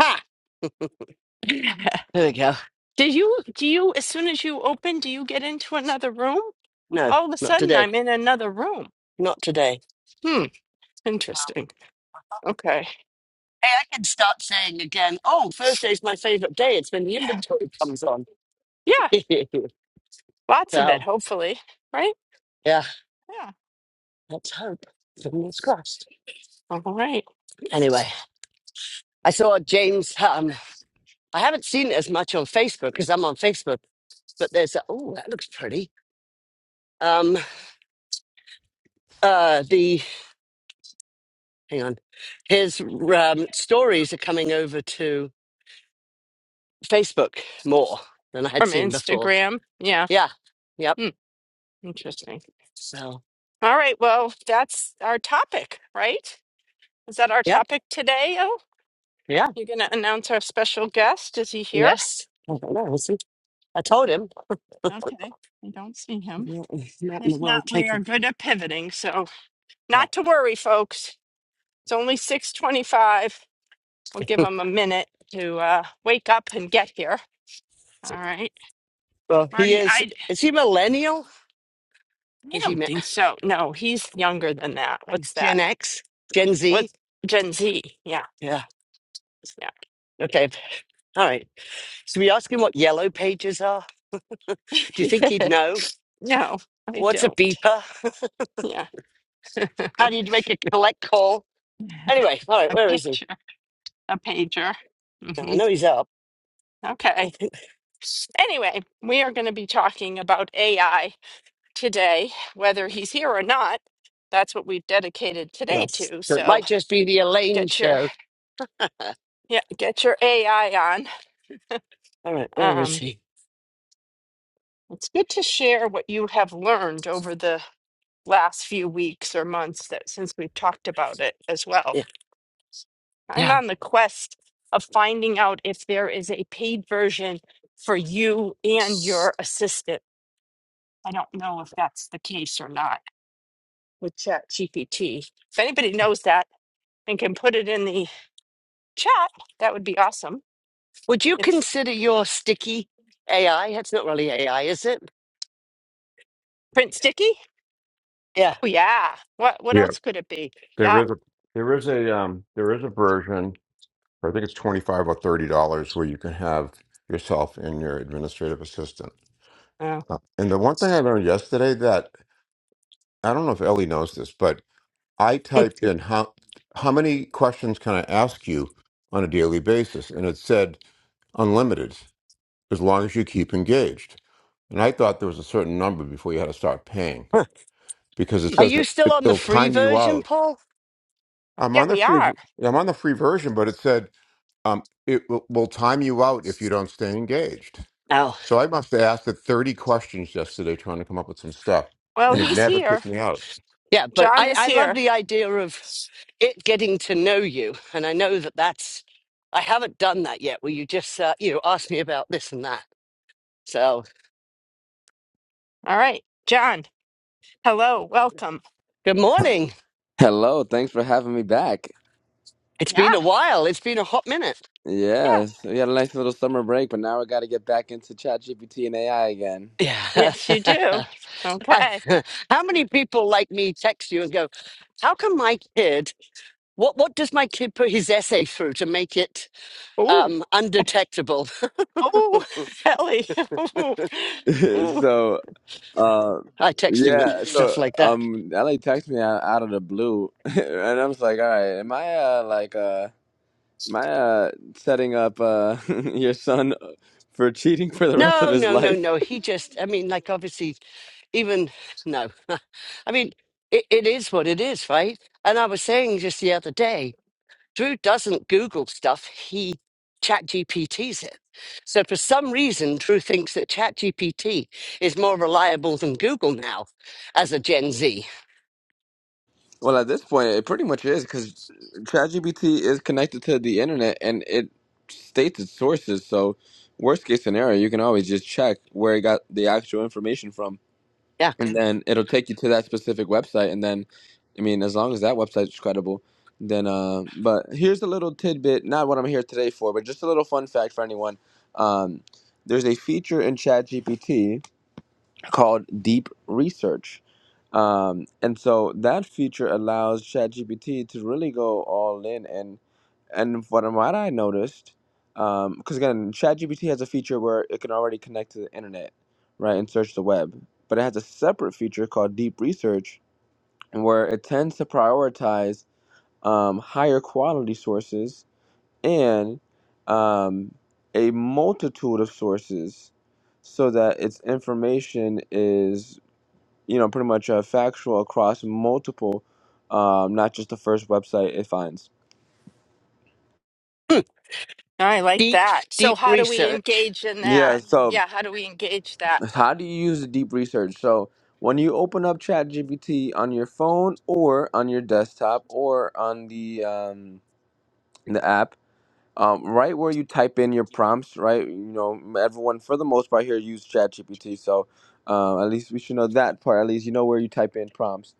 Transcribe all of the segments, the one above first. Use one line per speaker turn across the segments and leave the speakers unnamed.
Ha! There we go.
Do you, do you, as soon as you open, do you get into another room?
No,
All of a
not
sudden,
today.
I'm in another room.
Not today.
Hmm, interesting. Okay.
Hey, I can start saying again, oh, Thursday's my favorite day. It's when the inventory comes on.
Yeah, lots of it,
so,
hopefully. Right?
yeah,
Yeah.
let's hope. Fingers crossed.
All right.
Anyway, I saw James. Um, I haven't seen it as much on Facebook because I'm on Facebook, but there's, a, oh, that looks pretty. Um, uh, the, hang on, his um, stories are coming over to Facebook more than I had
From
seen before.
Instagram. Yeah.
Yeah, yep.
Hmm, interesting.
So,
All right. Well, that's our topic, right? Is that our
yep.
topic today? Oh,
Yeah.
you're going to announce our special guest. Is he here?
Yes. I don't know. We'll see. I told him.
Okay. I don't see him.
Not not in
If
the
not,
world
we are
taking.
good at pivoting. So,
Yeah.
not to worry, folks. It's only 6:25. We'll give them a minute to uh, wake up and get here. All right,
Well, he
Marty.
is.
I
Is he millennial?
I
Is he?
don't
mi-
think so. No, he's younger than that.
He's
What's that?
Gen X, Gen Z.
What's Gen Z? Yeah,
Yeah.
yeah.
Okay. All right. So we ask him what yellow pages are. Do you think he'd know?
no, I
What's a
don't.
beeper?
Yeah, a
How do you make a collect call? Anyway, all right. Where is he?
pager. A pager.
I
hmm
know he's up. I
Okay.
think.
Anyway, we are going to be talking about AI today, whether he's here or not. That's what we've dedicated today
Yes.
to.
So it
So
might just be the Elaine
get your
show. all
Yeah, get your AI on.
right. Where is
Um,
he?
it's good to share what you have learned over the last few weeks or months that since we've talked about it as well.
Yeah.
I'm
Yeah.
on the quest of finding out if there is a paid version for you and your assistant. I don't know if that's the case or not with ChatGPT. If anybody knows that and can put it in the chat, that would be awesome.
Would you
If
consider your sticky AI? It's not really AI, is it?
print sticky?
Yeah.
Oh yeah. What what
Yeah,
else could it be?
there
Yeah.
is a there is a um there is a version, I think it's 25 or 30 dollars where you can have yourself and your administrative assistant. Uh, And the one thing I learned yesterday that I don't know if Ellie knows this, but I typed in how how many questions can I ask you on a daily basis and it said unlimited as long as you keep engaged. And I thought there was a certain number before you had to start paying
Are
because it says
you
it,
still
it,
on the
it'll
free
time you
version,
out.
Paul?
I'm
Yeah,
on the
we
free
are.
I'm on the free version, but it said um, it will, will time you out if you don't stay engaged.
No.
So I must have asked it 30 questions yesterday trying to come up with some stuff,
Well,
and it
he's
never
here.
kicked me out.
yeah. But
John
I,
is
I love
here.
the idea of it getting to know you. And I know that that's, I haven't done that yet, where you just, uh, you know, ask me about this and that. So,
All right. John, hello. Welcome.
good morning.
Hello, thanks for having me back.
It's
Yeah.
been a while. It's been a hot minute.
Yeah.
Yes, we had a nice little summer break, but now we got to get back into ChatGPT and AI again.
Yeah.
Yes, you do.
I,
Okay.
how many people like me text you and go, how come my kid What what does my kid put his essay through to make it
Ooh.
um, undetectable?
Ooh, Ellie. Ooh. Ooh.
so, uh,
I text him that,
yeah,
stuff
so
like that.
um, LA texted me out, out of the blue, and I was like, "All right, am I uh, like uh, am I uh, setting up uh, your son for cheating for the rest of
No,
his
no, no,
life?"
no. He just, I mean, like obviously, even no. I mean, it, it is what it is, right? And I was saying just the other day, Drew doesn't Google stuff. He chat GPTs it. So for some reason, Drew thinks that chat GPT is more reliable than Google now as a Gen Z.
Well, at this point, it pretty much is because ChatGPT is connected to the internet and it states its sources. So, worst case scenario, you can always just check where it got the actual information from,
Yeah.
and then it'll take you to that specific website. And then, I mean, as long as that website's credible, then. Uh, but here's a little tidbit, not what I'm here today for, but just a little fun fact for anyone. Um, there's a feature in ChatGPT called Deep Research. Um, and so that feature allows ChatGPT to really go all in. And, and from what I noticed, because again, ChatGPT has a feature where it can already connect to the internet, right, and search the web. But it has a separate feature called Deep Research, where it tends to prioritize um, higher quality sources and um, a multitude of sources so that its information is you know, pretty much uh, factual across multiple, um, not just the first website it finds.
I like
Deep,
that. So,
deep
how do we
research.
engage in
Yeah.
that?
So,
Yeah, how do we engage that?
how do you use the deep research? So, when you open up ChatGPT on your phone or on your desktop or on the um, the app, um, right where you type in your prompts, right? You know, everyone for the most part here use ChatGPT, so uh, at least we should know that part. At least you know where you type in prompts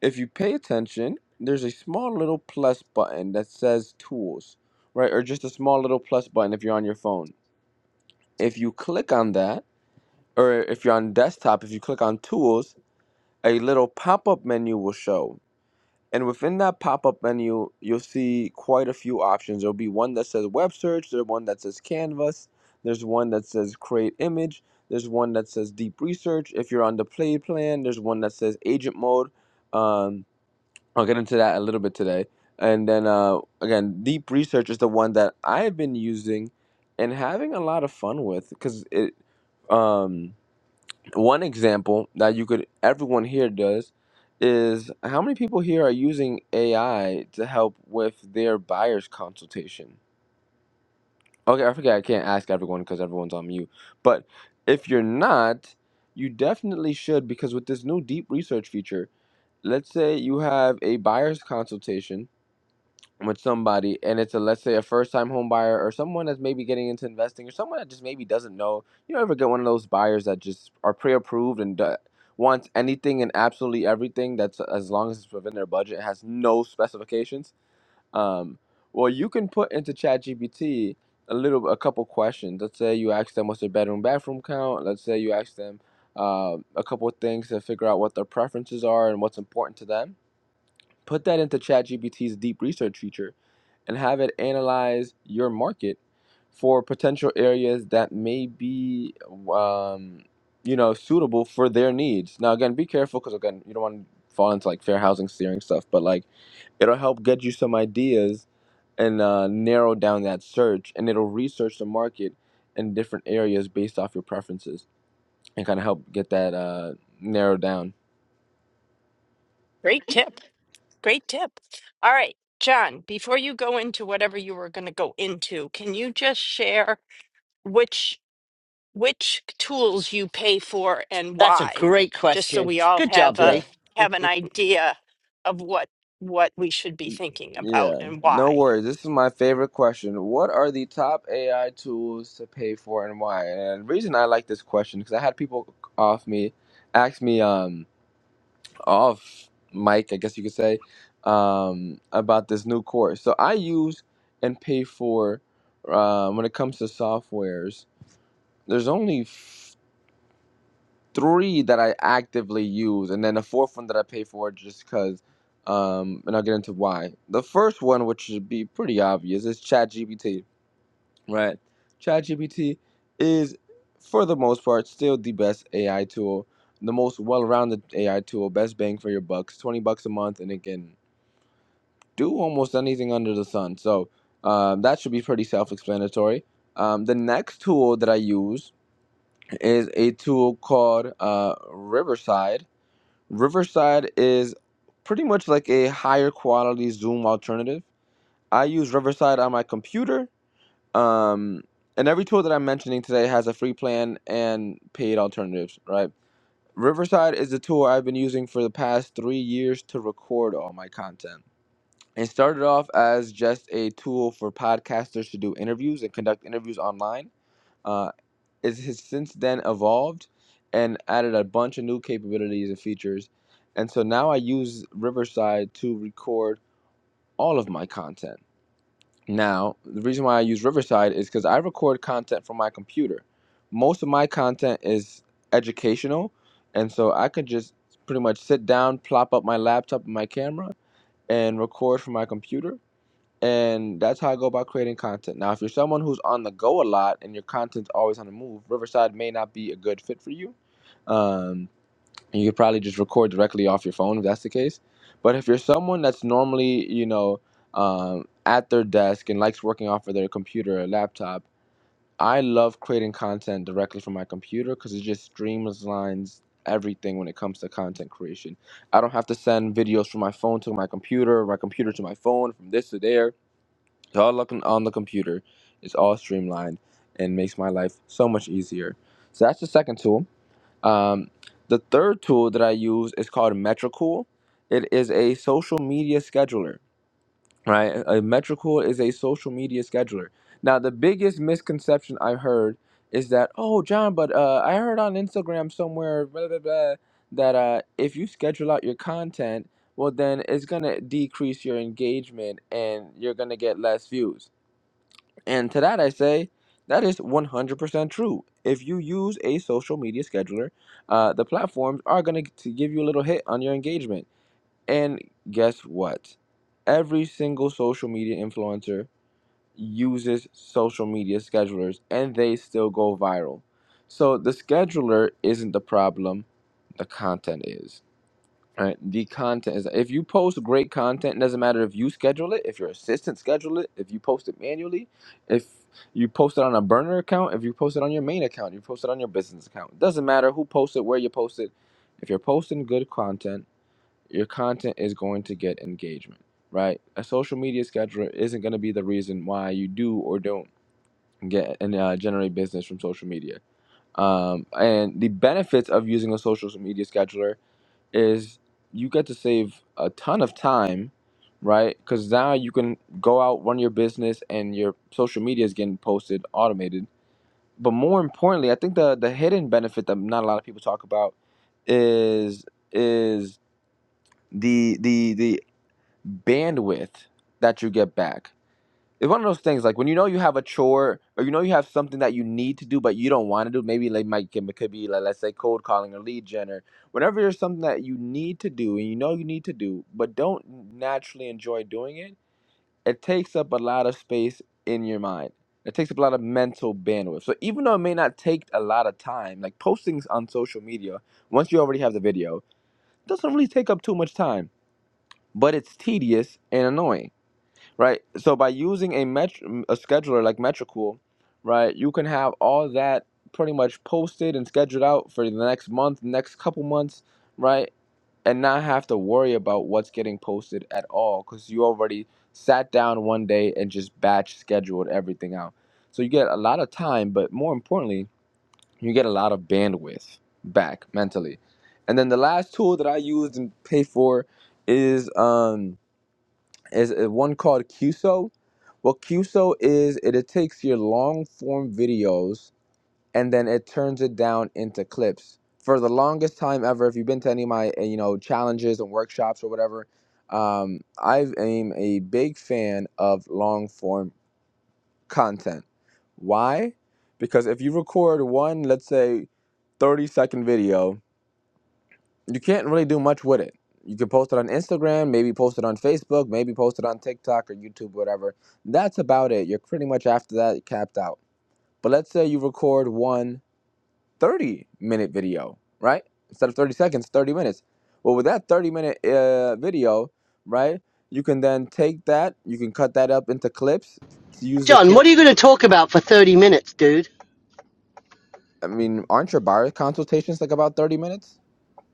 if you pay attention, there's a small little plus button that says tools, right? Or just a small little plus button if you're on your phone. If you click on that, or if you're on desktop, if you click on tools, a little pop up menu will show. And within that pop up menu, you'll see quite a few options. There'll be one that says web search, there's one that says canvas, there's one that says create image, there's one that says deep research. If you're on the play plan, there's one that says agent mode. Um, I'll get into that a little bit today. And then uh, again, deep research is the one that I have been using and having a lot of fun with because it. Um, one example that you could everyone here does is how many people here are using AI to help with their buyer's consultation. Okay, I forget I can't ask everyone because everyone's on mute. But if you're not, you definitely should because with this new deep research feature, let's say you have a buyer's consultation with somebody and it's a let's say a first time home buyer or someone that's maybe getting into investing or someone that just maybe doesn't know you know ever get one of those buyers that just are pre-approved and do- wants anything and absolutely everything that's as long as it's within their budget has no specifications um well you can put into chat gpt a little a couple questions let's say you ask them what's their bedroom bathroom count let's say you ask them uh, a couple of things to figure out what their preferences are and what's important to them Put that into ChatGPT's deep research feature and have it analyze your market for potential areas that may be, um, you know, suitable for their needs. Now, again, be careful because again, you don't want to fall into like fair housing steering stuff, but like it'll help get you some ideas and uh, narrow down that search, and it'll research the market in different areas based off your preferences and kind of help get that uh, narrowed down.
Great tip. Great tip. All right. John, before you go into whatever you were going to go into, can you just share which? which tools you pay for and
That's a
why,
great
just so
question.
we all
Good
have
job,
a
Yeah.
Lee.
have an idea of what what we should be thinking about
Yeah,
and
no
why.
worries. This is my favorite question. What are the top AI tools to pay for and why? And the reason I like this question because I had people off me ask me um off mic, I guess you could say, um about this new course. So I use and pay for um when it comes to softwares. There's only three that I actively use, and then the fourth one that I pay for just because. Um, and I'll get into why. The first one, which should be pretty obvious, is ChatGPT, right? ChatGPT is, for the most part, still the best AI tool, the most well-rounded AI tool, best bang for your bucks, twenty bucks a month, and it can do almost anything under the sun. So um, that should be pretty self-explanatory. Um, the next tool that I use is a tool called uh, Riverside Riverside is pretty much like a higher quality Zoom alternative. I use Riverside on my computer, um, and every tool that I'm mentioning today has a free plan and paid alternatives, right? Riverside is the tool I've been using for the past three years to record all my content. It started off as just a tool for podcasters to do interviews and conduct interviews online. Uh, it has since then evolved and added a bunch of new capabilities and features. And so now I use Riverside to record all of my content. Now, the reason why I use Riverside is because I record content from my computer. Most of my content is educational. And so I could just pretty much sit down, plop up my laptop and my camera, and record from my computer and that's how I go about creating content. Now, if you're someone who's on the go a lot and your content's always on the move, Riverside may not be a good fit for you. Um, and you could probably just record directly off your phone if that's the case. But if you're someone that's normally, you know, um, at their desk and likes working off of their computer or laptop, I love creating content directly from my computer because it just streamlines everything when it comes to content creation. I don't have to send videos from my phone to my computer, my computer to my phone, from this to there so all looking on the computer is all streamlined and makes my life so much easier. So that's the second tool. Um, the third tool that I use is called Metricool. It is a social media scheduler, right? A Metricool is a social media scheduler. Now, the biggest misconception I've heard is that, oh, John, but uh, I heard on Instagram somewhere blah, blah, blah, that uh, if you schedule out your content, well, then it's going to decrease your engagement and you're going to get less views and to that I say, that is 100% true. If you use a social media scheduler, uh, the platforms are going to give you a little hit on your engagement. And guess what? Every single social media influencer uses social media schedulers and they still go viral. So the scheduler isn't the problem, the content is. Right. The content is if you post great content, it doesn't matter if you schedule it, if your assistant schedule it, if you post it manually, if you post it on a burner account, if you post it on your main account, you post it on your business account. It doesn't matter who posts it, where you post it. If you're posting good content, your content is going to get engagement, right? A social media scheduler isn't going to be the reason why you do or don't get and uh, generate business from social media. Um, and the benefits of using a social media scheduler is you get to save a ton of time, right? Because now you can go out, run your business, and your social media is getting posted, automated. But more importantly, I think the the hidden benefit that not a lot of people talk about is is the the the bandwidth that you get back it's one of those things like when you know you have a chore or you know you have something that you need to do but you don't want to do maybe like might it could be like let's say cold calling or lead gen or whenever there's something that you need to do and you know you need to do but don't naturally enjoy doing it it takes up a lot of space in your mind it takes up a lot of mental bandwidth so even though it may not take a lot of time like postings on social media once you already have the video doesn't really take up too much time but it's tedious and annoying right? So by using a met- a scheduler like Metricool, right, you can have all that pretty much posted and scheduled out for the next month, next couple months, right, and not have to worry about what's getting posted at all because you already sat down one day and just batch scheduled everything out. So you get a lot of time, but more importantly, you get a lot of bandwidth back mentally. And then the last tool that I used and paid for is um, is uh, one called QSO. What QSO is, it, it takes your long form videos and then it turns it down into clips. For the longest time ever, if you've been to any of my uh, you know challenges and workshops or whatever, um, I am a big fan of long form content. Why? Because if you record one, let's say, 30 second video you can't really do much with it. You can post it on Instagram, maybe post it on Facebook, maybe post it on TikTok or YouTube, whatever. That's about it. You're pretty much after that capped out. But let's say you record one 30 minute video, right? Instead of 30 seconds, 30 minutes. Well, with that 30 minute uh, video, right, you can then take that, you can cut that up into clips, use the
John,
clip.
what are you going to talk about for 30 minutes, dude?
I mean, aren't your buyer consultations like about 30 minutes?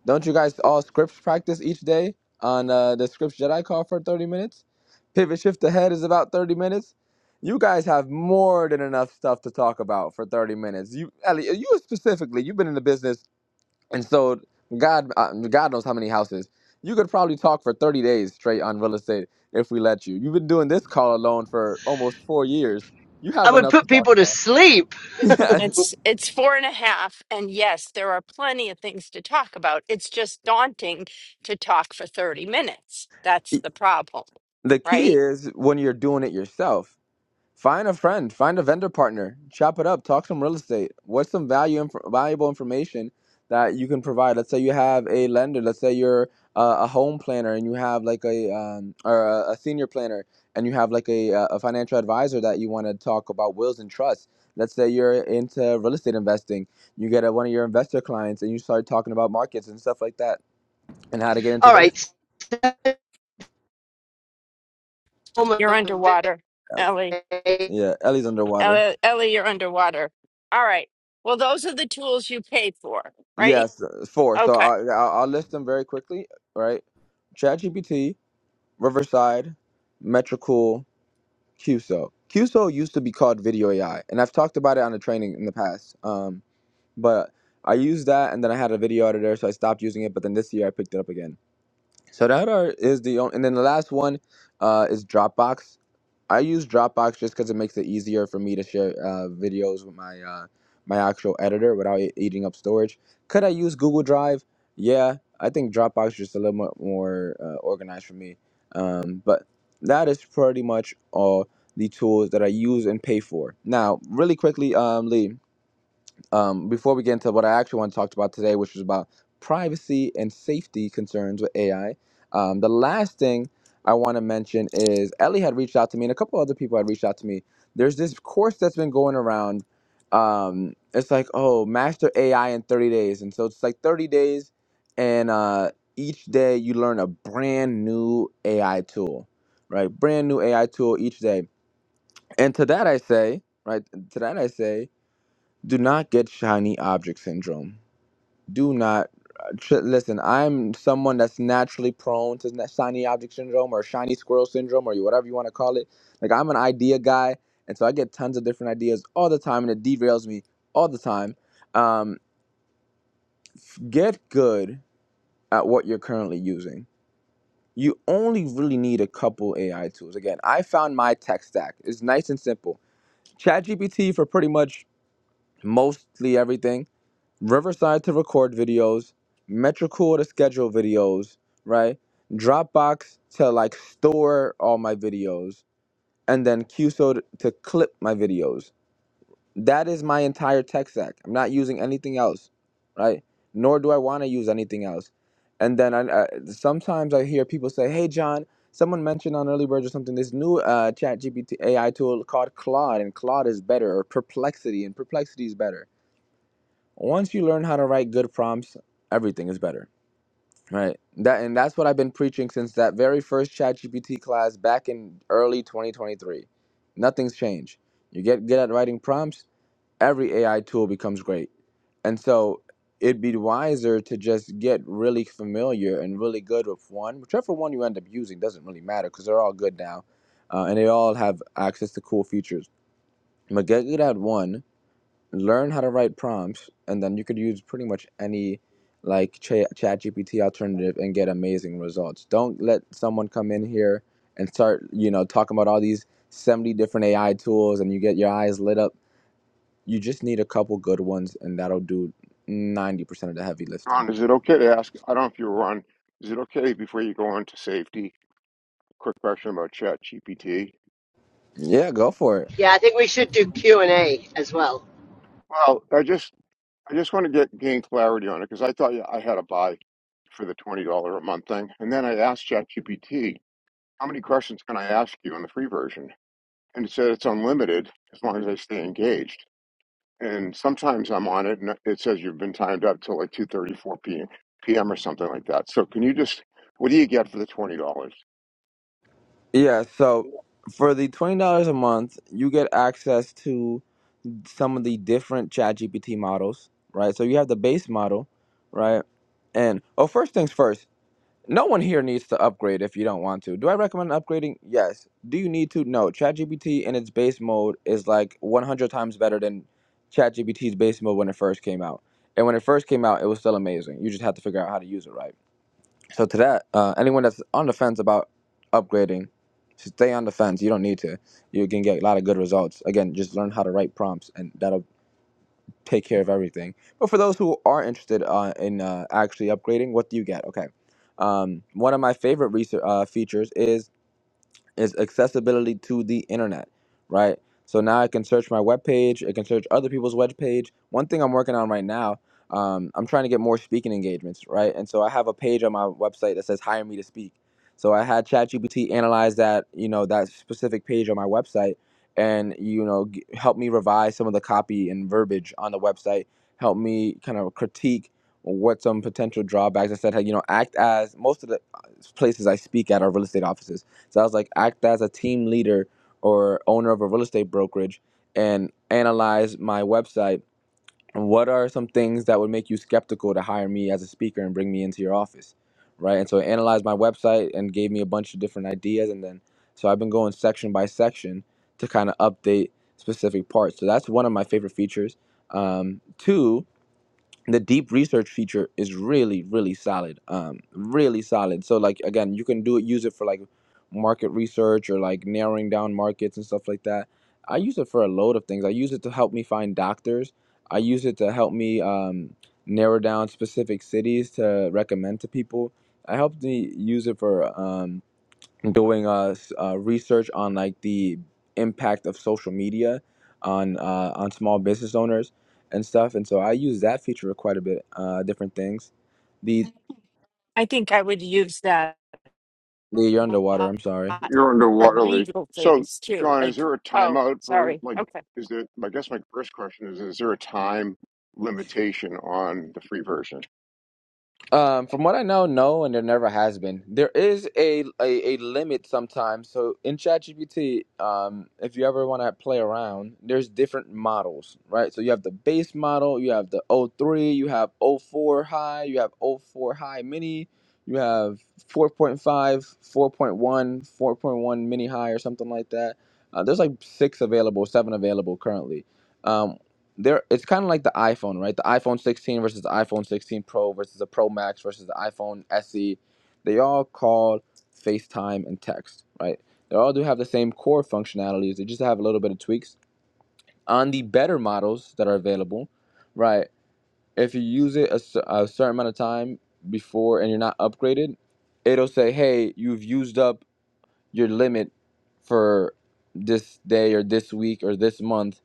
Don't you guys all scripts practice each day on uh, the scripts Jedi call for 30 minutes? Pivot shift ahead is about 30 minutes. You guys have more than enough stuff to talk about for 30 minutes. You, Ellie, you specifically, you've been in the business and sold God, uh, God knows how many houses. You could probably talk for 30 days straight on real estate if we let you. You've been doing this call alone for almost four years. You
I
have
would
enough to
put
talk
people to
about.
sleep.
It's it's four and a half, and yes, there are plenty of things to talk about. It's just daunting to talk for thirty minutes. That's the problem,
the key
right?
is when you're doing it yourself Find a friend, find a vendor partner, chop it up, talk some real estate. What's some value inf- valuable information that you can provide? Let's say you have a lender, let's say you're uh, a home planner and you have like a um, or a, a senior planner and you have like a uh, a financial advisor that you want to talk about wills and trusts. Let's say you're into real estate investing, you get a, one of your investor clients and you start talking about markets and stuff like that and how to get into
All
real
right.
estate.
Storm
You're underwater, Ellie.
Yeah, Ellie's underwater.
Ellie, Ellie you're underwater. All right. Well, those are the tools you pay for, right?
Yes, uh, four. So
Okay.
I, I'll, I'll list them very quickly, right? ChatGPT, Riverside, Metricool, QSO. QSO used to be called Video AI, and I've talked about it on the training in the past. Um, but I used that, and then I had a video editor, so I stopped using it. But then this year, I picked it up again. So that are, is the only, and then the last one uh, is Dropbox. I use Dropbox just because it makes it easier for me to share uh, videos with my uh, my actual editor without it eating up storage. Could I use Google Drive? Yeah, I think Dropbox is just a little bit more uh, organized for me. Um, but that is pretty much all the tools that I use and pay for. Now, really quickly, um, Lee um, before we get into what I actually want to talk about today, which was about privacy and safety concerns with AI, um, the last thing I want to mention is Ellie had reached out to me, and a couple other people had reached out to me. There's this course that's been going around. Um, it's like, oh, master AI in 30 days, and so it's like 30 days, and uh, each day you learn a brand new AI tool, right? Brand new AI tool each day. And to that I say, right? To that I say do not get shiny object syndrome. Do not tr- listen. I'm someone that's naturally prone to na- shiny object syndrome or shiny squirrel syndrome or whatever you want to call it. Like I'm an idea guy, and so I get tons of different ideas all the time, and it derails me all the time. Um, get good at what you're currently using. You only really need a couple AI tools. Again, I found my tech stack. It's nice and simple. ChatGPT for pretty much mostly everything Riverside to record videos, Metricool to schedule videos, right? Dropbox to like store all my videos, and then QSO to, to clip my videos. That is my entire tech stack. I'm not using anything else, right? Nor do I want to use anything else. And then I, I sometimes I hear people say, "Hey, John." Someone mentioned on Early Bird or something this new uh, Chat GPT AI tool called Claude, and Claude is better, or Perplexity, and Perplexity is better once you learn how to write good prompts, everything is better, right? That and that's what I've been preaching since that very first ChatGPT class back in early 2023. Nothing's changed. You get good at writing prompts, every AI tool becomes great. And so it'd be wiser to just get really familiar and really good with one. Whichever one you end up using doesn't really matter because they're all good now, uh, and they all have access to cool features. But get good at one learn how to write prompts, and then you could use pretty much any like Ch- Chat GPT alternative and get amazing results. Don't let someone come in here and start, you know, talking about all these 70 different AI tools and you get your eyes lit up. You just need a couple good ones, and that'll do 90% of the heavy lifting.
Ron, is it okay to ask? I don't know if you are on. Is it okay before you go on to safety? Quick question about Chat GPT.
Yeah, go for it.
Yeah, I think we should do Q&A as well.
Well, I just I just want to get gain clarity on it because I thought yeah, I had a buy for the twenty dollar a month thing, and then I asked Chat GPT how many questions can I ask you in the free version, and it said it's unlimited as long as I stay engaged. and sometimes I'm on it, and it says you've been timed up till like two thirty, four p.m. p.m. or something like that. So can you just, what do you get for the twenty dollars?
Yeah, so for the $20 a month, you get access to some of the different ChatGPT models right so you have the base model right and oh first things first no one here needs to upgrade if you don't want to do i recommend upgrading yes do you need to no ChatGPT in its base mode is like 100 times better than ChatGPT's base mode when it first came out and when it first came out it was still amazing you just had to figure out how to use it right so to that uh, anyone that's on the fence about upgrading stay on the fence you don't need to you can get a lot of good results. Again, just learn how to write prompts, and that'll take care of everything. But for those who are interested uh, in uh, actually upgrading, what do you get? Okay. Um, one of my favorite research, uh, features is is accessibility to the internet, right? So now I can search my web page. I can search other people's web page. One thing I'm working on right now, um, I'm trying to get more speaking engagements, right? And so I have a page on my website that says "Hire me to speak." So I had ChatGPT analyze that, you know, that specific page on my website, and you know, g- help me revise some of the copy and verbiage on the website. Help me kind of critique what some potential drawbacks. I said, hey, you know, act as most of the uh, places I speak at are real estate offices so I was like, act as a team leader or owner of a real estate brokerage and analyze my website. And what are some things that would make you skeptical to hire me as a speaker and bring me into your office? Right. And so it analyzed my website and gave me a bunch of different ideas. And then, so I've been going section by section to kind of update specific parts. So that's one of my favorite features. Um, two, the deep research feature is really really solid um really solid so like again you can do it use it for like market research or like narrowing down markets and stuff like that i use it for a load of things i use it to help me find doctors i use it to help me um narrow down specific cities to recommend to people i helped me use it for um doing uh, s- uh, research on like the impact of social media on uh, on small business owners and stuff. And so I use that feature quite a bit, uh, different things. The,
I think I would use that.
the you're underwater. I'm sorry.
lot
You're under
for
Waterly.
legal
So,
things too.
John, is
Like,
there a
oh,
timeout for
sorry.
like?
Okay.
Is there? I guess my first question is: Is there a time limitation on the free version?
Um, from what I know, no, and there never has been. There is a a, a limit sometimes. So in ChatGPT, um, if you ever want to play around, there's different models, right? So you have the base model, you have the O3, you have O4 high, you have O4 high mini, you have 4.5, 4.1, 4.1 mini high or something like that. Uh, there's like six available, seven available currently. Um, there it's kind of like the iPhone, right? The iPhone 16 versus the iPhone 16 Pro versus the Pro Max versus the iPhone SE. They all call FaceTime and text, right? They all do have the same core functionalities. They just have a little bit of tweaks on the better models that are available, right? If you use it a, cer- a certain amount of time before and you're not upgraded, it'll say, "Hey, you've used up your limit for this day or this week or this month,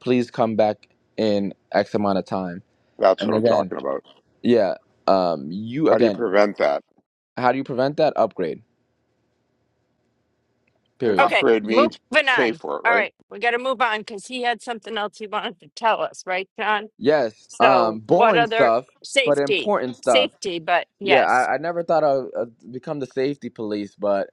please come back in X amount of time.
That's
And
what I'm
again,
talking about.
yeah, um, you
How do you
again,
prevent that?
how do you prevent that? Upgrade,
And
period.
Okay.
upgrade means
Moving
pay
on.
for it,
All
right?
right. We got to move on because he had something else he wanted to tell us, right, John?
Yes, um,
So, what
boring
other
stuff, but
safety?
important stuff.
Safety, but
Yeah,
yes.
I, I never thought I'd, i become the safety police, but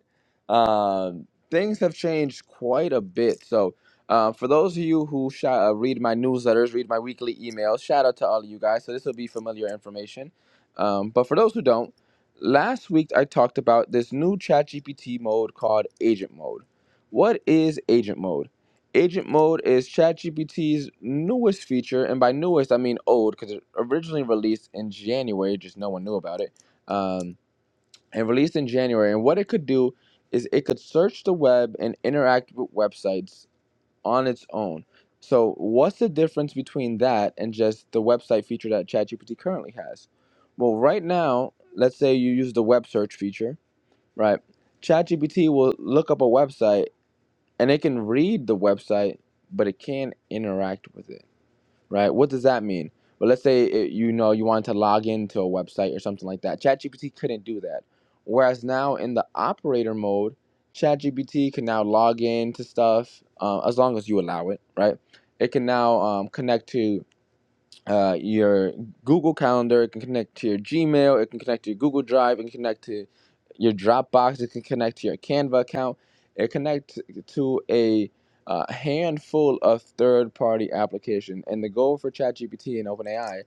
um, things have changed quite a bit. So, uh, for those of you who sh- uh, read my newsletters, read my weekly emails, shout out to all of you guys. So, this will be familiar information. Um, but for those who don't, last week I talked about this new ChatGPT mode called Agent Mode. What is Agent Mode? Agent Mode is ChatGPT's newest feature, and by newest I mean old because it originally released in January, just no one knew about it um, and released in January. And what it could do is it could search the web and interact with websites on its own. So, what's the difference between that and just the website feature that ChatGPT currently has? Well, right now, let's say you use the web search feature, right? ChatGPT will look up a website and it can read the website, but it can't interact with it right? What does that mean? But let's say it, you know you wanted to log into a website or something like that. ChatGPT couldn't do that. Whereas now in the operator mode, ChatGPT can now log in to stuff uh, as long as you allow it, right? It can now um, connect to uh, your Google Calendar, it can connect to your Gmail, it can connect to your Google Drive, it can connect to your Dropbox, it can connect to your Canva account, it connects to a uh, handful of third-party applications. And the goal for ChatGPT and OpenAI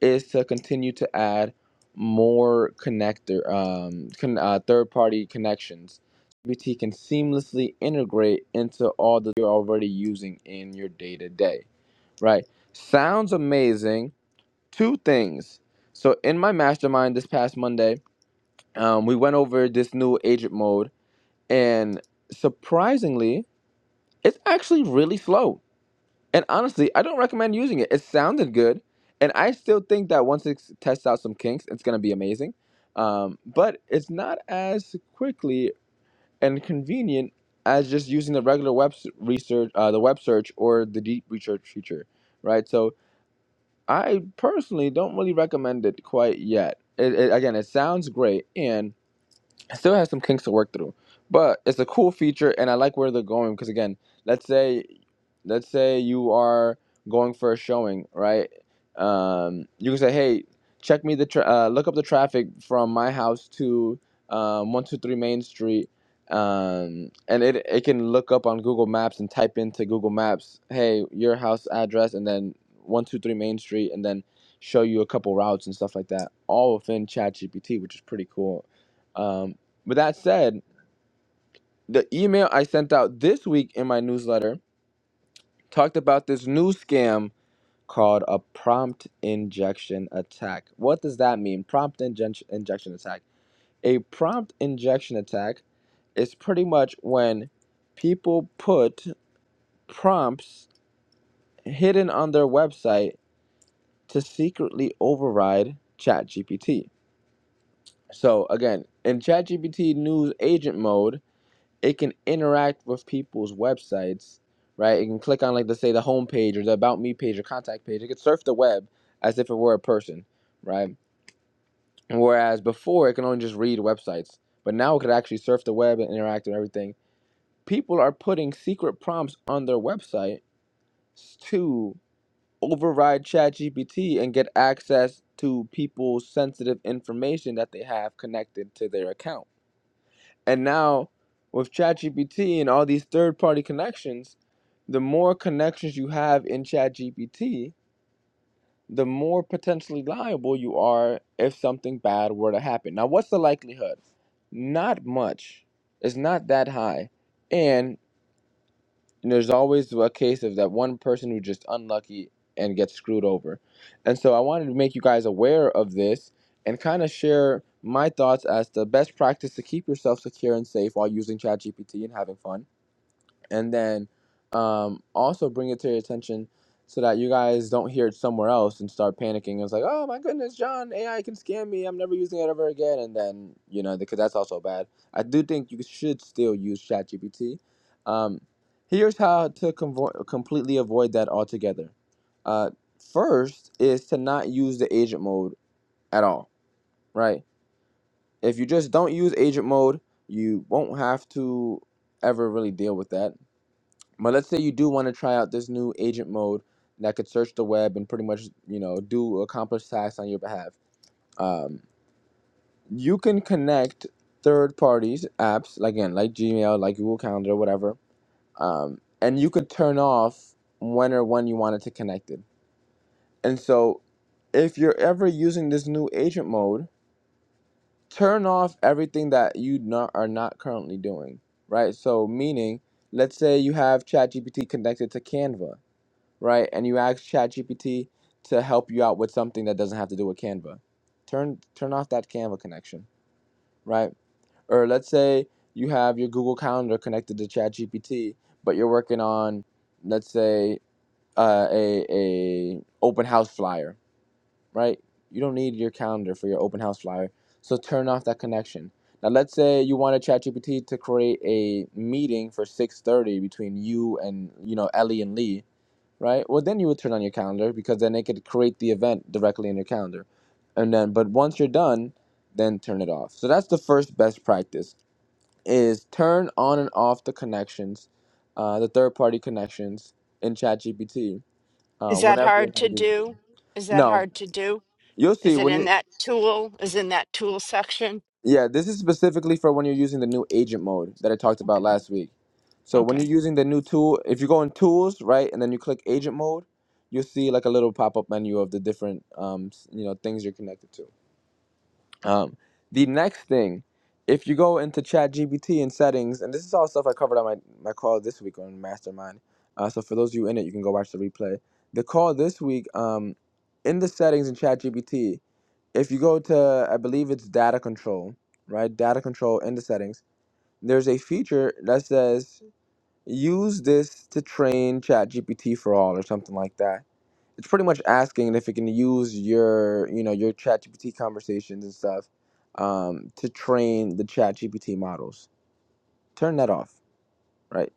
is to continue to add more connector, um, con- uh, third-party connections. GPT can seamlessly integrate into all that you're already using in your day-to-day Right. Sounds amazing. Two things. So in my mastermind this past Monday, um, we went over this new agent mode, and surprisingly, it's actually really slow. And honestly, I don't recommend using it. It sounded good, and I still think that once it s- tests out some kinks, it's gonna be amazing. Um, but it's not as quickly and convenient as just using the regular web s- research, uh, the web search, or the deep research feature, right? So I personally don't really recommend it quite yet. It, it, again, it sounds great, and it still has some kinks to work through, but it's a cool feature, and I like where they're going because again, let's say, let's say you are going for a showing, right? Um, you can say, hey, check me the tra- uh, look up the traffic from my house to um, one two three Main Street, um, and it it can look up on Google Maps and type into Google Maps, hey, your house address, and then one two three Main Street, and then show you a couple routes and stuff like that, all within ChatGPT, which is pretty cool. Um, with that said, the email I sent out this week in my newsletter talked about this new scam called a prompt injection attack. What does that mean? Prompt injection injection attack. A prompt injection attack is pretty much when people put prompts hidden on their website to secretly override ChatGPT. So again, in ChatGPT news agent mode, it can interact with people's websites, right? It can click on like let's say the home page or the about me page or contact page. It can surf the web as if it were a person, right? And whereas before it can only just read websites, but now it could actually surf the web and interact with everything. People are putting secret prompts on their website to override ChatGPT and get access to people's sensitive information that they have connected to their account And now with ChatGPT and all these third party connections, the more connections you have in ChatGPT, the more potentially liable you are if something bad were to happen. Now, what's the likelihood? Not much. It's not that high. And you there's always a case of that one person who just unlucky and gets screwed over. And so I wanted to make you guys aware of this and kind of share my thoughts as the best practice to keep yourself secure and safe while using ChatGPT and having fun and then um, also bring it to your attention so that you guys don't hear it somewhere else and start panicking. It's like, oh my goodness, John, AI can scam me. I'm never using it ever again. And then you know, because that's also bad. I do think you should still use ChatGPT. Um, here's how to convo- completely avoid that altogether. Uh, first is to not use the agent mode at all. Right? If you just don't use agent mode, you won't have to ever really deal with that but let's say you do want to try out this new agent mode that could search the web and pretty much, you know, do accomplish tasks on your behalf. Um, you can connect third parties apps, like, again, like Gmail, like Google Calendar, whatever, um, and you could turn off when or when you want it to connect it. And so if you're ever using this new agent mode, turn off everything that you not, are not currently doing, right? So meaning, let's say you have ChatGPT connected to Canva right? And you ask ChatGPT to help you out with something that doesn't have to do with Canva. Turn turn off that Canva connection, right? Or let's say you have your Google Calendar connected to ChatGPT, but you're working on, let's say, uh, a a open house flyer, right? You don't need your calendar for your open house flyer, so turn off that connection. Now, let's say you wanted ChatGPT to create a meeting for 6:30 between you and you know Ellie and Lee right? Well, then you would turn on your calendar because then it could create the event directly in your calendar. And then, but once you're done, then turn it off. So that's the first best practice is turn on and off the connections, uh, the third party connections in ChatGPT uh,
Is that
whenever you're
hard
not
to
using it.
do? Is that
No,
hard to do?
you'll see
Is it
when
in
you.
that tool? Is in that tool section?
Yeah, this is specifically for when you're using the new agent mode that I talked about last week. So when
Okay,
you're using the new tool, if you go in tools, right, and then you click agent mode, you'll see like a little pop-up menu of the different um, s- you know things you're connected to. Um, the next thing, if you go into ChatGPT and settings, and this is all stuff I covered on my, my call this week on Mastermind. Uh, so for those of you in it, you can go watch the replay. The call this week, um, in the settings in ChatGPT, if you go to I believe it's data control, right? Data control in the settings there's a feature that says Use this to train ChatGPT for all or something like that. It's pretty much asking if it can use your, you know, your ChatGPT conversations and stuff um, to train the ChatGPT models. Turn that off, right?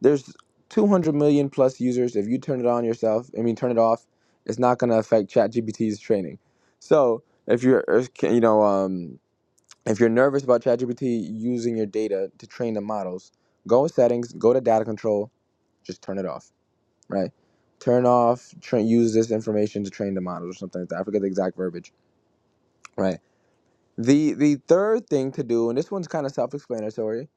There's 200 million plus users. If you turn it on yourself, I mean, turn it off, it's not going to affect ChatGPT's training. So if you're, if, you know, um, if you're nervous about ChatGPT using your data to train the models, go in settings, go to data control, just turn it off right? Turn off, tra- use this information to train the models or something like that. I forget the exact verbiage, right? The the third thing to do, and this one's kind of self-explanatory.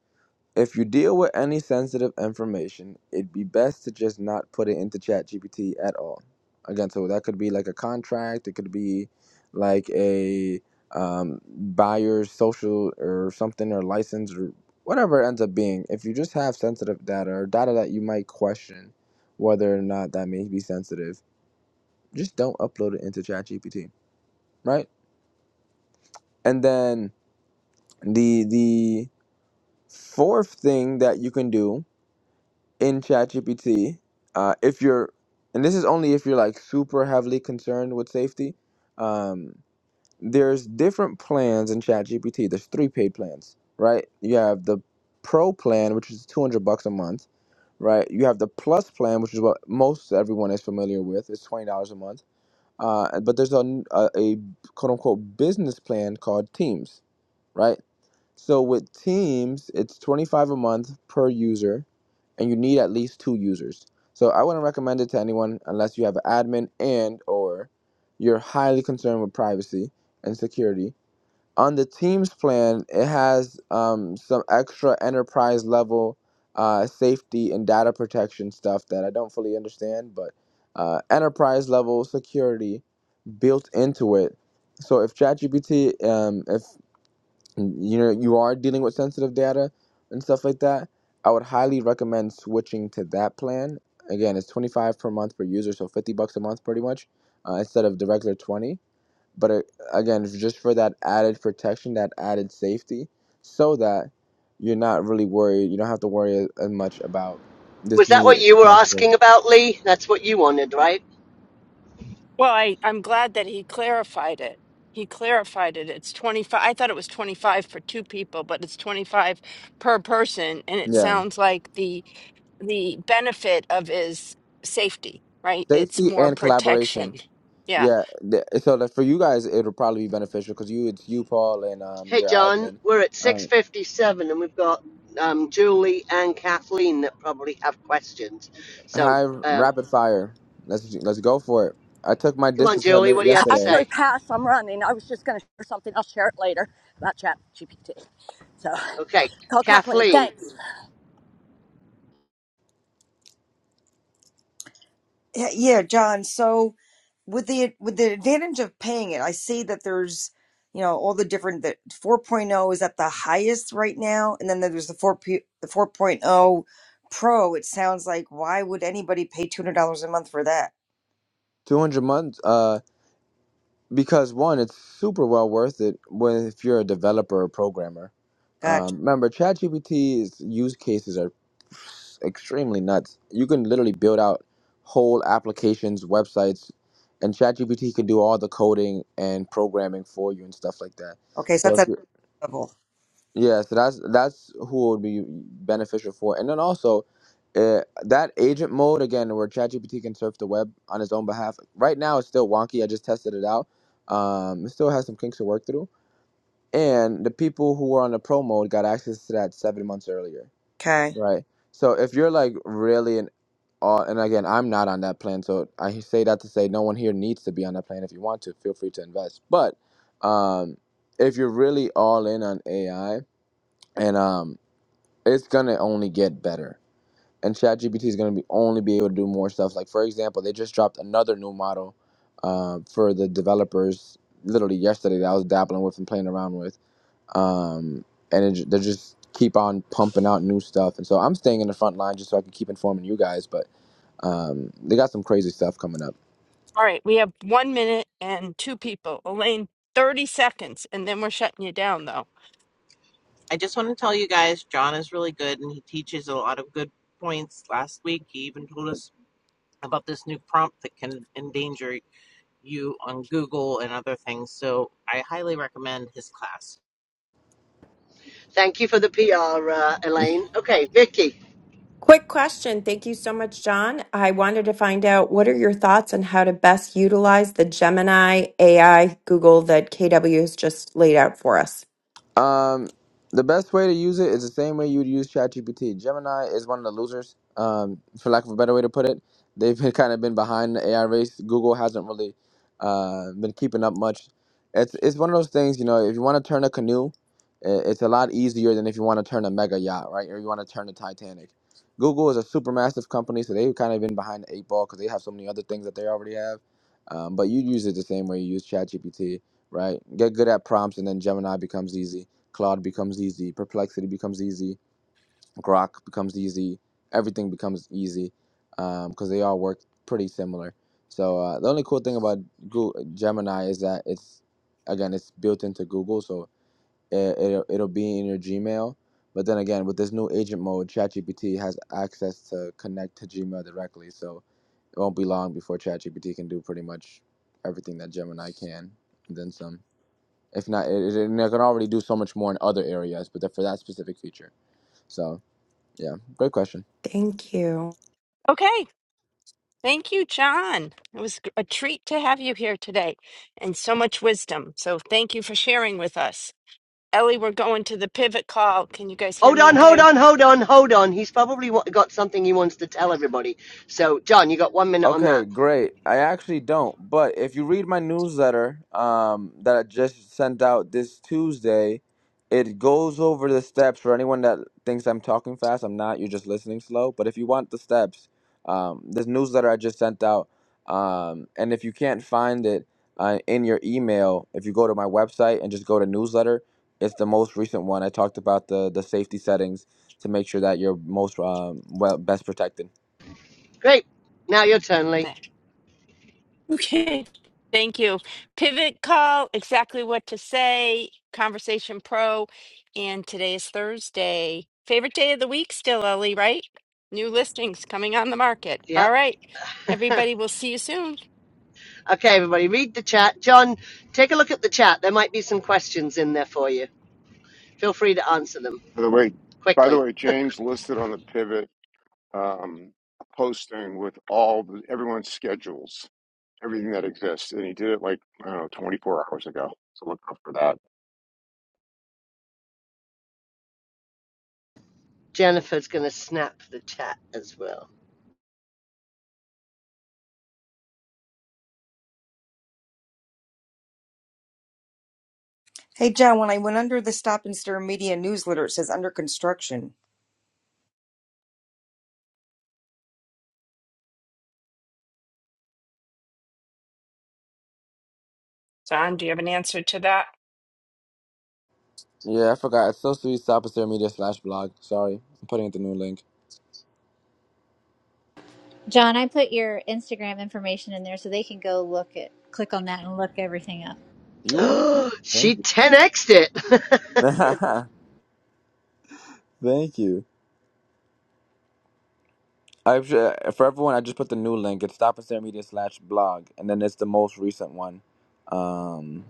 If you deal with any sensitive information, it'd be best to just not put it into ChatGPT at all. Again, so that could be like a contract. It could be like a um, buyer's social or something or license or whatever it ends up being. If you just have sensitive data or data that you might question, whether or not that may be sensitive just don't upload it into ChatGPT, right? And then the the fourth thing that you can do in ChatGPT, uh, if you're, and this is only if you're like super heavily concerned with safety, um, there's different plans in ChatGPT. There's three paid plans, right? You have the Pro plan, which is 200 bucks a month, right? You have the Plus plan, which is what most everyone is familiar with. It's $20 a month uh, but there's a a, a quote unquote business plan called Teams, right? So with Teams, it's 25 dollars a month per user, and you need at least two users. So I wouldn't recommend it to anyone unless you have an admin and or you're highly concerned with privacy and security. On the Teams plan, it has um, some extra enterprise level uh, safety and data protection stuff that I don't fully understand, but uh, enterprise level security built into it. So if ChatGPT, um, if you know you are dealing with sensitive data and stuff like that, I would highly recommend switching to that plan. Again, it's twenty five per month per user, so fifty bucks a month pretty much, uh, instead of the regular twenty. But it, again, just for that added protection, that added safety, so that you're not really worried. You don't have to worry as much about this
Was that what
new.
you were
Complicated.
asking about, Lee? That's what you wanted, right?
Well, I, I'm glad that he clarified it. He clarified it. It's 25. I thought it was 25 for two people, but it's 25 per person. And it
Yeah,
sounds like the the benefit of is safety, right? It's
safety
more
and collaboration.
protection. Yeah.
Yeah, th- so that for you guys, it'll probably be beneficial because you, it's you, Paul, and um,
Hey,
your
John,
admin.
we're at
Um,
6.57 and we've got um, Julie and Kathleen that probably have questions. So
hi,
um,
rapid fire. Let's let's go for it. I took my
come on,
distance
Julie,
runner
what do you have to
yesterday,
Actually,
say?
pass. I'm running. I was just going to share something. I'll share it later about Chat GPT. So,
Okay,
call Kathleen.
Kathleen,
Thanks.
Yeah, yeah, John. So with the with the advantage of paying it, I see that there's you know all the different that 4.0 is at the highest right now, and then there's the 4 P, the 4.0 Pro. It sounds like why would anybody pay two hundred dollars a month for that?
two hundred months. Uh, because one, it's super well worth it when if you're a developer or programmer.
Gotcha.
Um, remember, ChatGPT's use cases are extremely nuts. You can literally build out whole applications, websites, and ChatGPT can do all the coding and programming for you and stuff like that.
Okay, so
So
that's
if
at
you're
level.
Yeah, so that's that's who it would be beneficial for, and then also uh, that agent mode again, where ChatGPT can surf the web on its own behalf. Right now, it's still wonky. I just tested it out. Um, it still has some kinks to work through, and the people who were on the pro mode got access to that seven months earlier,
Okay.
right? So if you're like really an uh, and again, I'm not on that plan, so I say that to say no one here needs to be on that plan. If you want to, feel free to invest. But um, if you're really all in on AI, and um, it's gonna only get better. And ChatGPT is gonna be only be able to do more stuff. Like for example, they just dropped another new model uh, for the developers literally yesterday that I was dabbling with and playing around with. Um, and it, ju- they just keep on pumping out new stuff. And so I'm staying in the front line just so I can keep informing you guys. But um, they got some crazy stuff coming up.
All right. We have one minute and two people. Elaine, 30 seconds, and then we're shutting you down, though.
I just want to tell you guys, John is really good and he teaches a lot of good points. Last week, he even told us about this new prompt that can endanger you on Google and other things. So I highly recommend his class.
thank you for the PR, uh, Elaine. Okay, Vicky.
Quick question. Thank you so much, John. I wanted to find out what are your thoughts on how to best utilize the Gemini AI Google that KW has just laid out for us?
Um, the best way to use it is the same way you would use ChatGPT. Gemini is one of the losers, um, for lack of a better way to put it. They've been, kind of been behind the AI race. Google hasn't really uh, been keeping up much. It's it's one of those things, you know. If you want to turn a canoe, i- it's a lot easier than if you want to turn a mega yacht, right? Or you want to turn the Titanic. Google is a super massive company, so they've kind of been behind the eight ball because they have so many other things that they already have. Um, but you use it the same way you use ChatGPT right? Get good at prompts, and then Gemini becomes easy. Cloud becomes easy. Perplexity becomes easy. Grok becomes easy. Everything becomes easy because um, they all work pretty similar. So uh, the only cool thing about Google, Gemini is that it's again it's built into Google, so it, it'll, it'll be in your Gmail. But then again, with this new agent mode, ChatGPT has access to connect to Gmail directly, so it won't be long before ChatGPT can do pretty much everything that Gemini can, and then some. If not, it, it, they can already do so much more in other areas, but for that specific feature. So yeah, great question.
Thank you.
Okay. Thank you, John. It was a treat to have you here today and so much wisdom. So thank you for sharing with us. Ellie, we're going to the pivot call. Can you guys hear
Hold
me
on, hold
okay?
on, hold on, hold on. He's probably got something he wants to tell everybody. So, John, you got one minute on that.
Okay, great. I actually don't, but if you read my newsletter um, that I just sent out this Tuesday, it goes over the steps for anyone that thinks I'm talking fast. I'm not. You're just listening slow. But if you want the steps, um, this newsletter I just sent out, um, and if you can't find it uh, in your email, if you go to my website and just go to newsletter, it's the most recent one. I talked about the the safety settings to make sure that you're most um, well best protected.
Great. Now your turn, Lee.
There. Okay. Thank you. Pivot call, exactly what to say, Conversation Pro. And today is Thursday. Favorite day of the week still, Ellie, right? New listings coming on the market. All
Yep.
right. Everybody, we'll see you soon.
Okay, everybody, read the chat. John, take a look at the chat. There might be some questions in there for you. Feel free to answer them
By the way, by the
quickly.
way, James listed on the pivot um, posting with all the, everyone's schedules. everything that exists, and he did it like I don't know, 24 hours ago. So look out for that.
Jennifer's going to snap the chat as well.
Hey, John. When I went under the Stop and Stare Media newsletter, it says under construction.
Don, do you have an answer to that?
Yeah, I forgot. It's so sweet. Sopacer Media slash blog. Sorry, I'm putting in the new link.
John, I put your Instagram information in there so they can go look at click on that and look everything up.
You are.
she
Thank
10x'd it.
you. Thank you. I for everyone. I just put the new link. It's Sopacer Media slash blog, and then it's the most recent one. Um,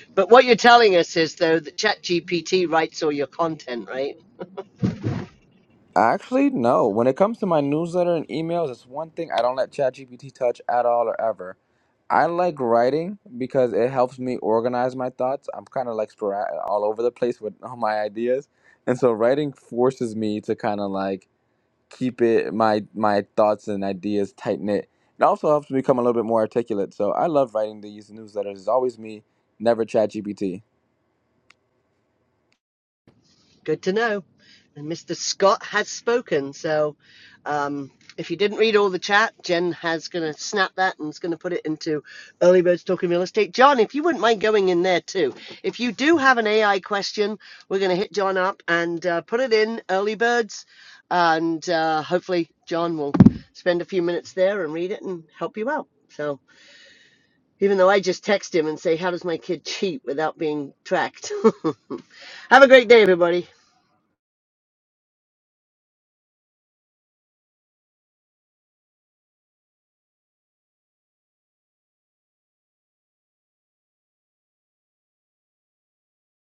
but what you're telling us is, though, that ChatGPT writes all your content, right?
actually, no. When it comes to my newsletter and emails, it's one thing I don't let ChatGPT touch at all or ever. I like writing because it helps me organize my thoughts. I'm kind of like sporadic, all over the place with all my ideas, and so writing forces me to kind of like keep it my my thoughts and ideas tight knit. It also helps me become a little bit more articulate. So I love writing these newsletters. It's always me, never ChatGPT.
Good to know. And Mr. Scott has spoken. So um, if you didn't read all the chat, Jen has going to snap that and is going to put it into Early Birds Talking Real Estate. John, if you wouldn't mind going in there too. If you do have an AI question, we're going to hit John up and uh, put it in Early Birds. And uh, hopefully, John will spend a few minutes there and read it and help you out. So even though I just text him and say, How does my kid cheat without being tracked? have a great day, everybody.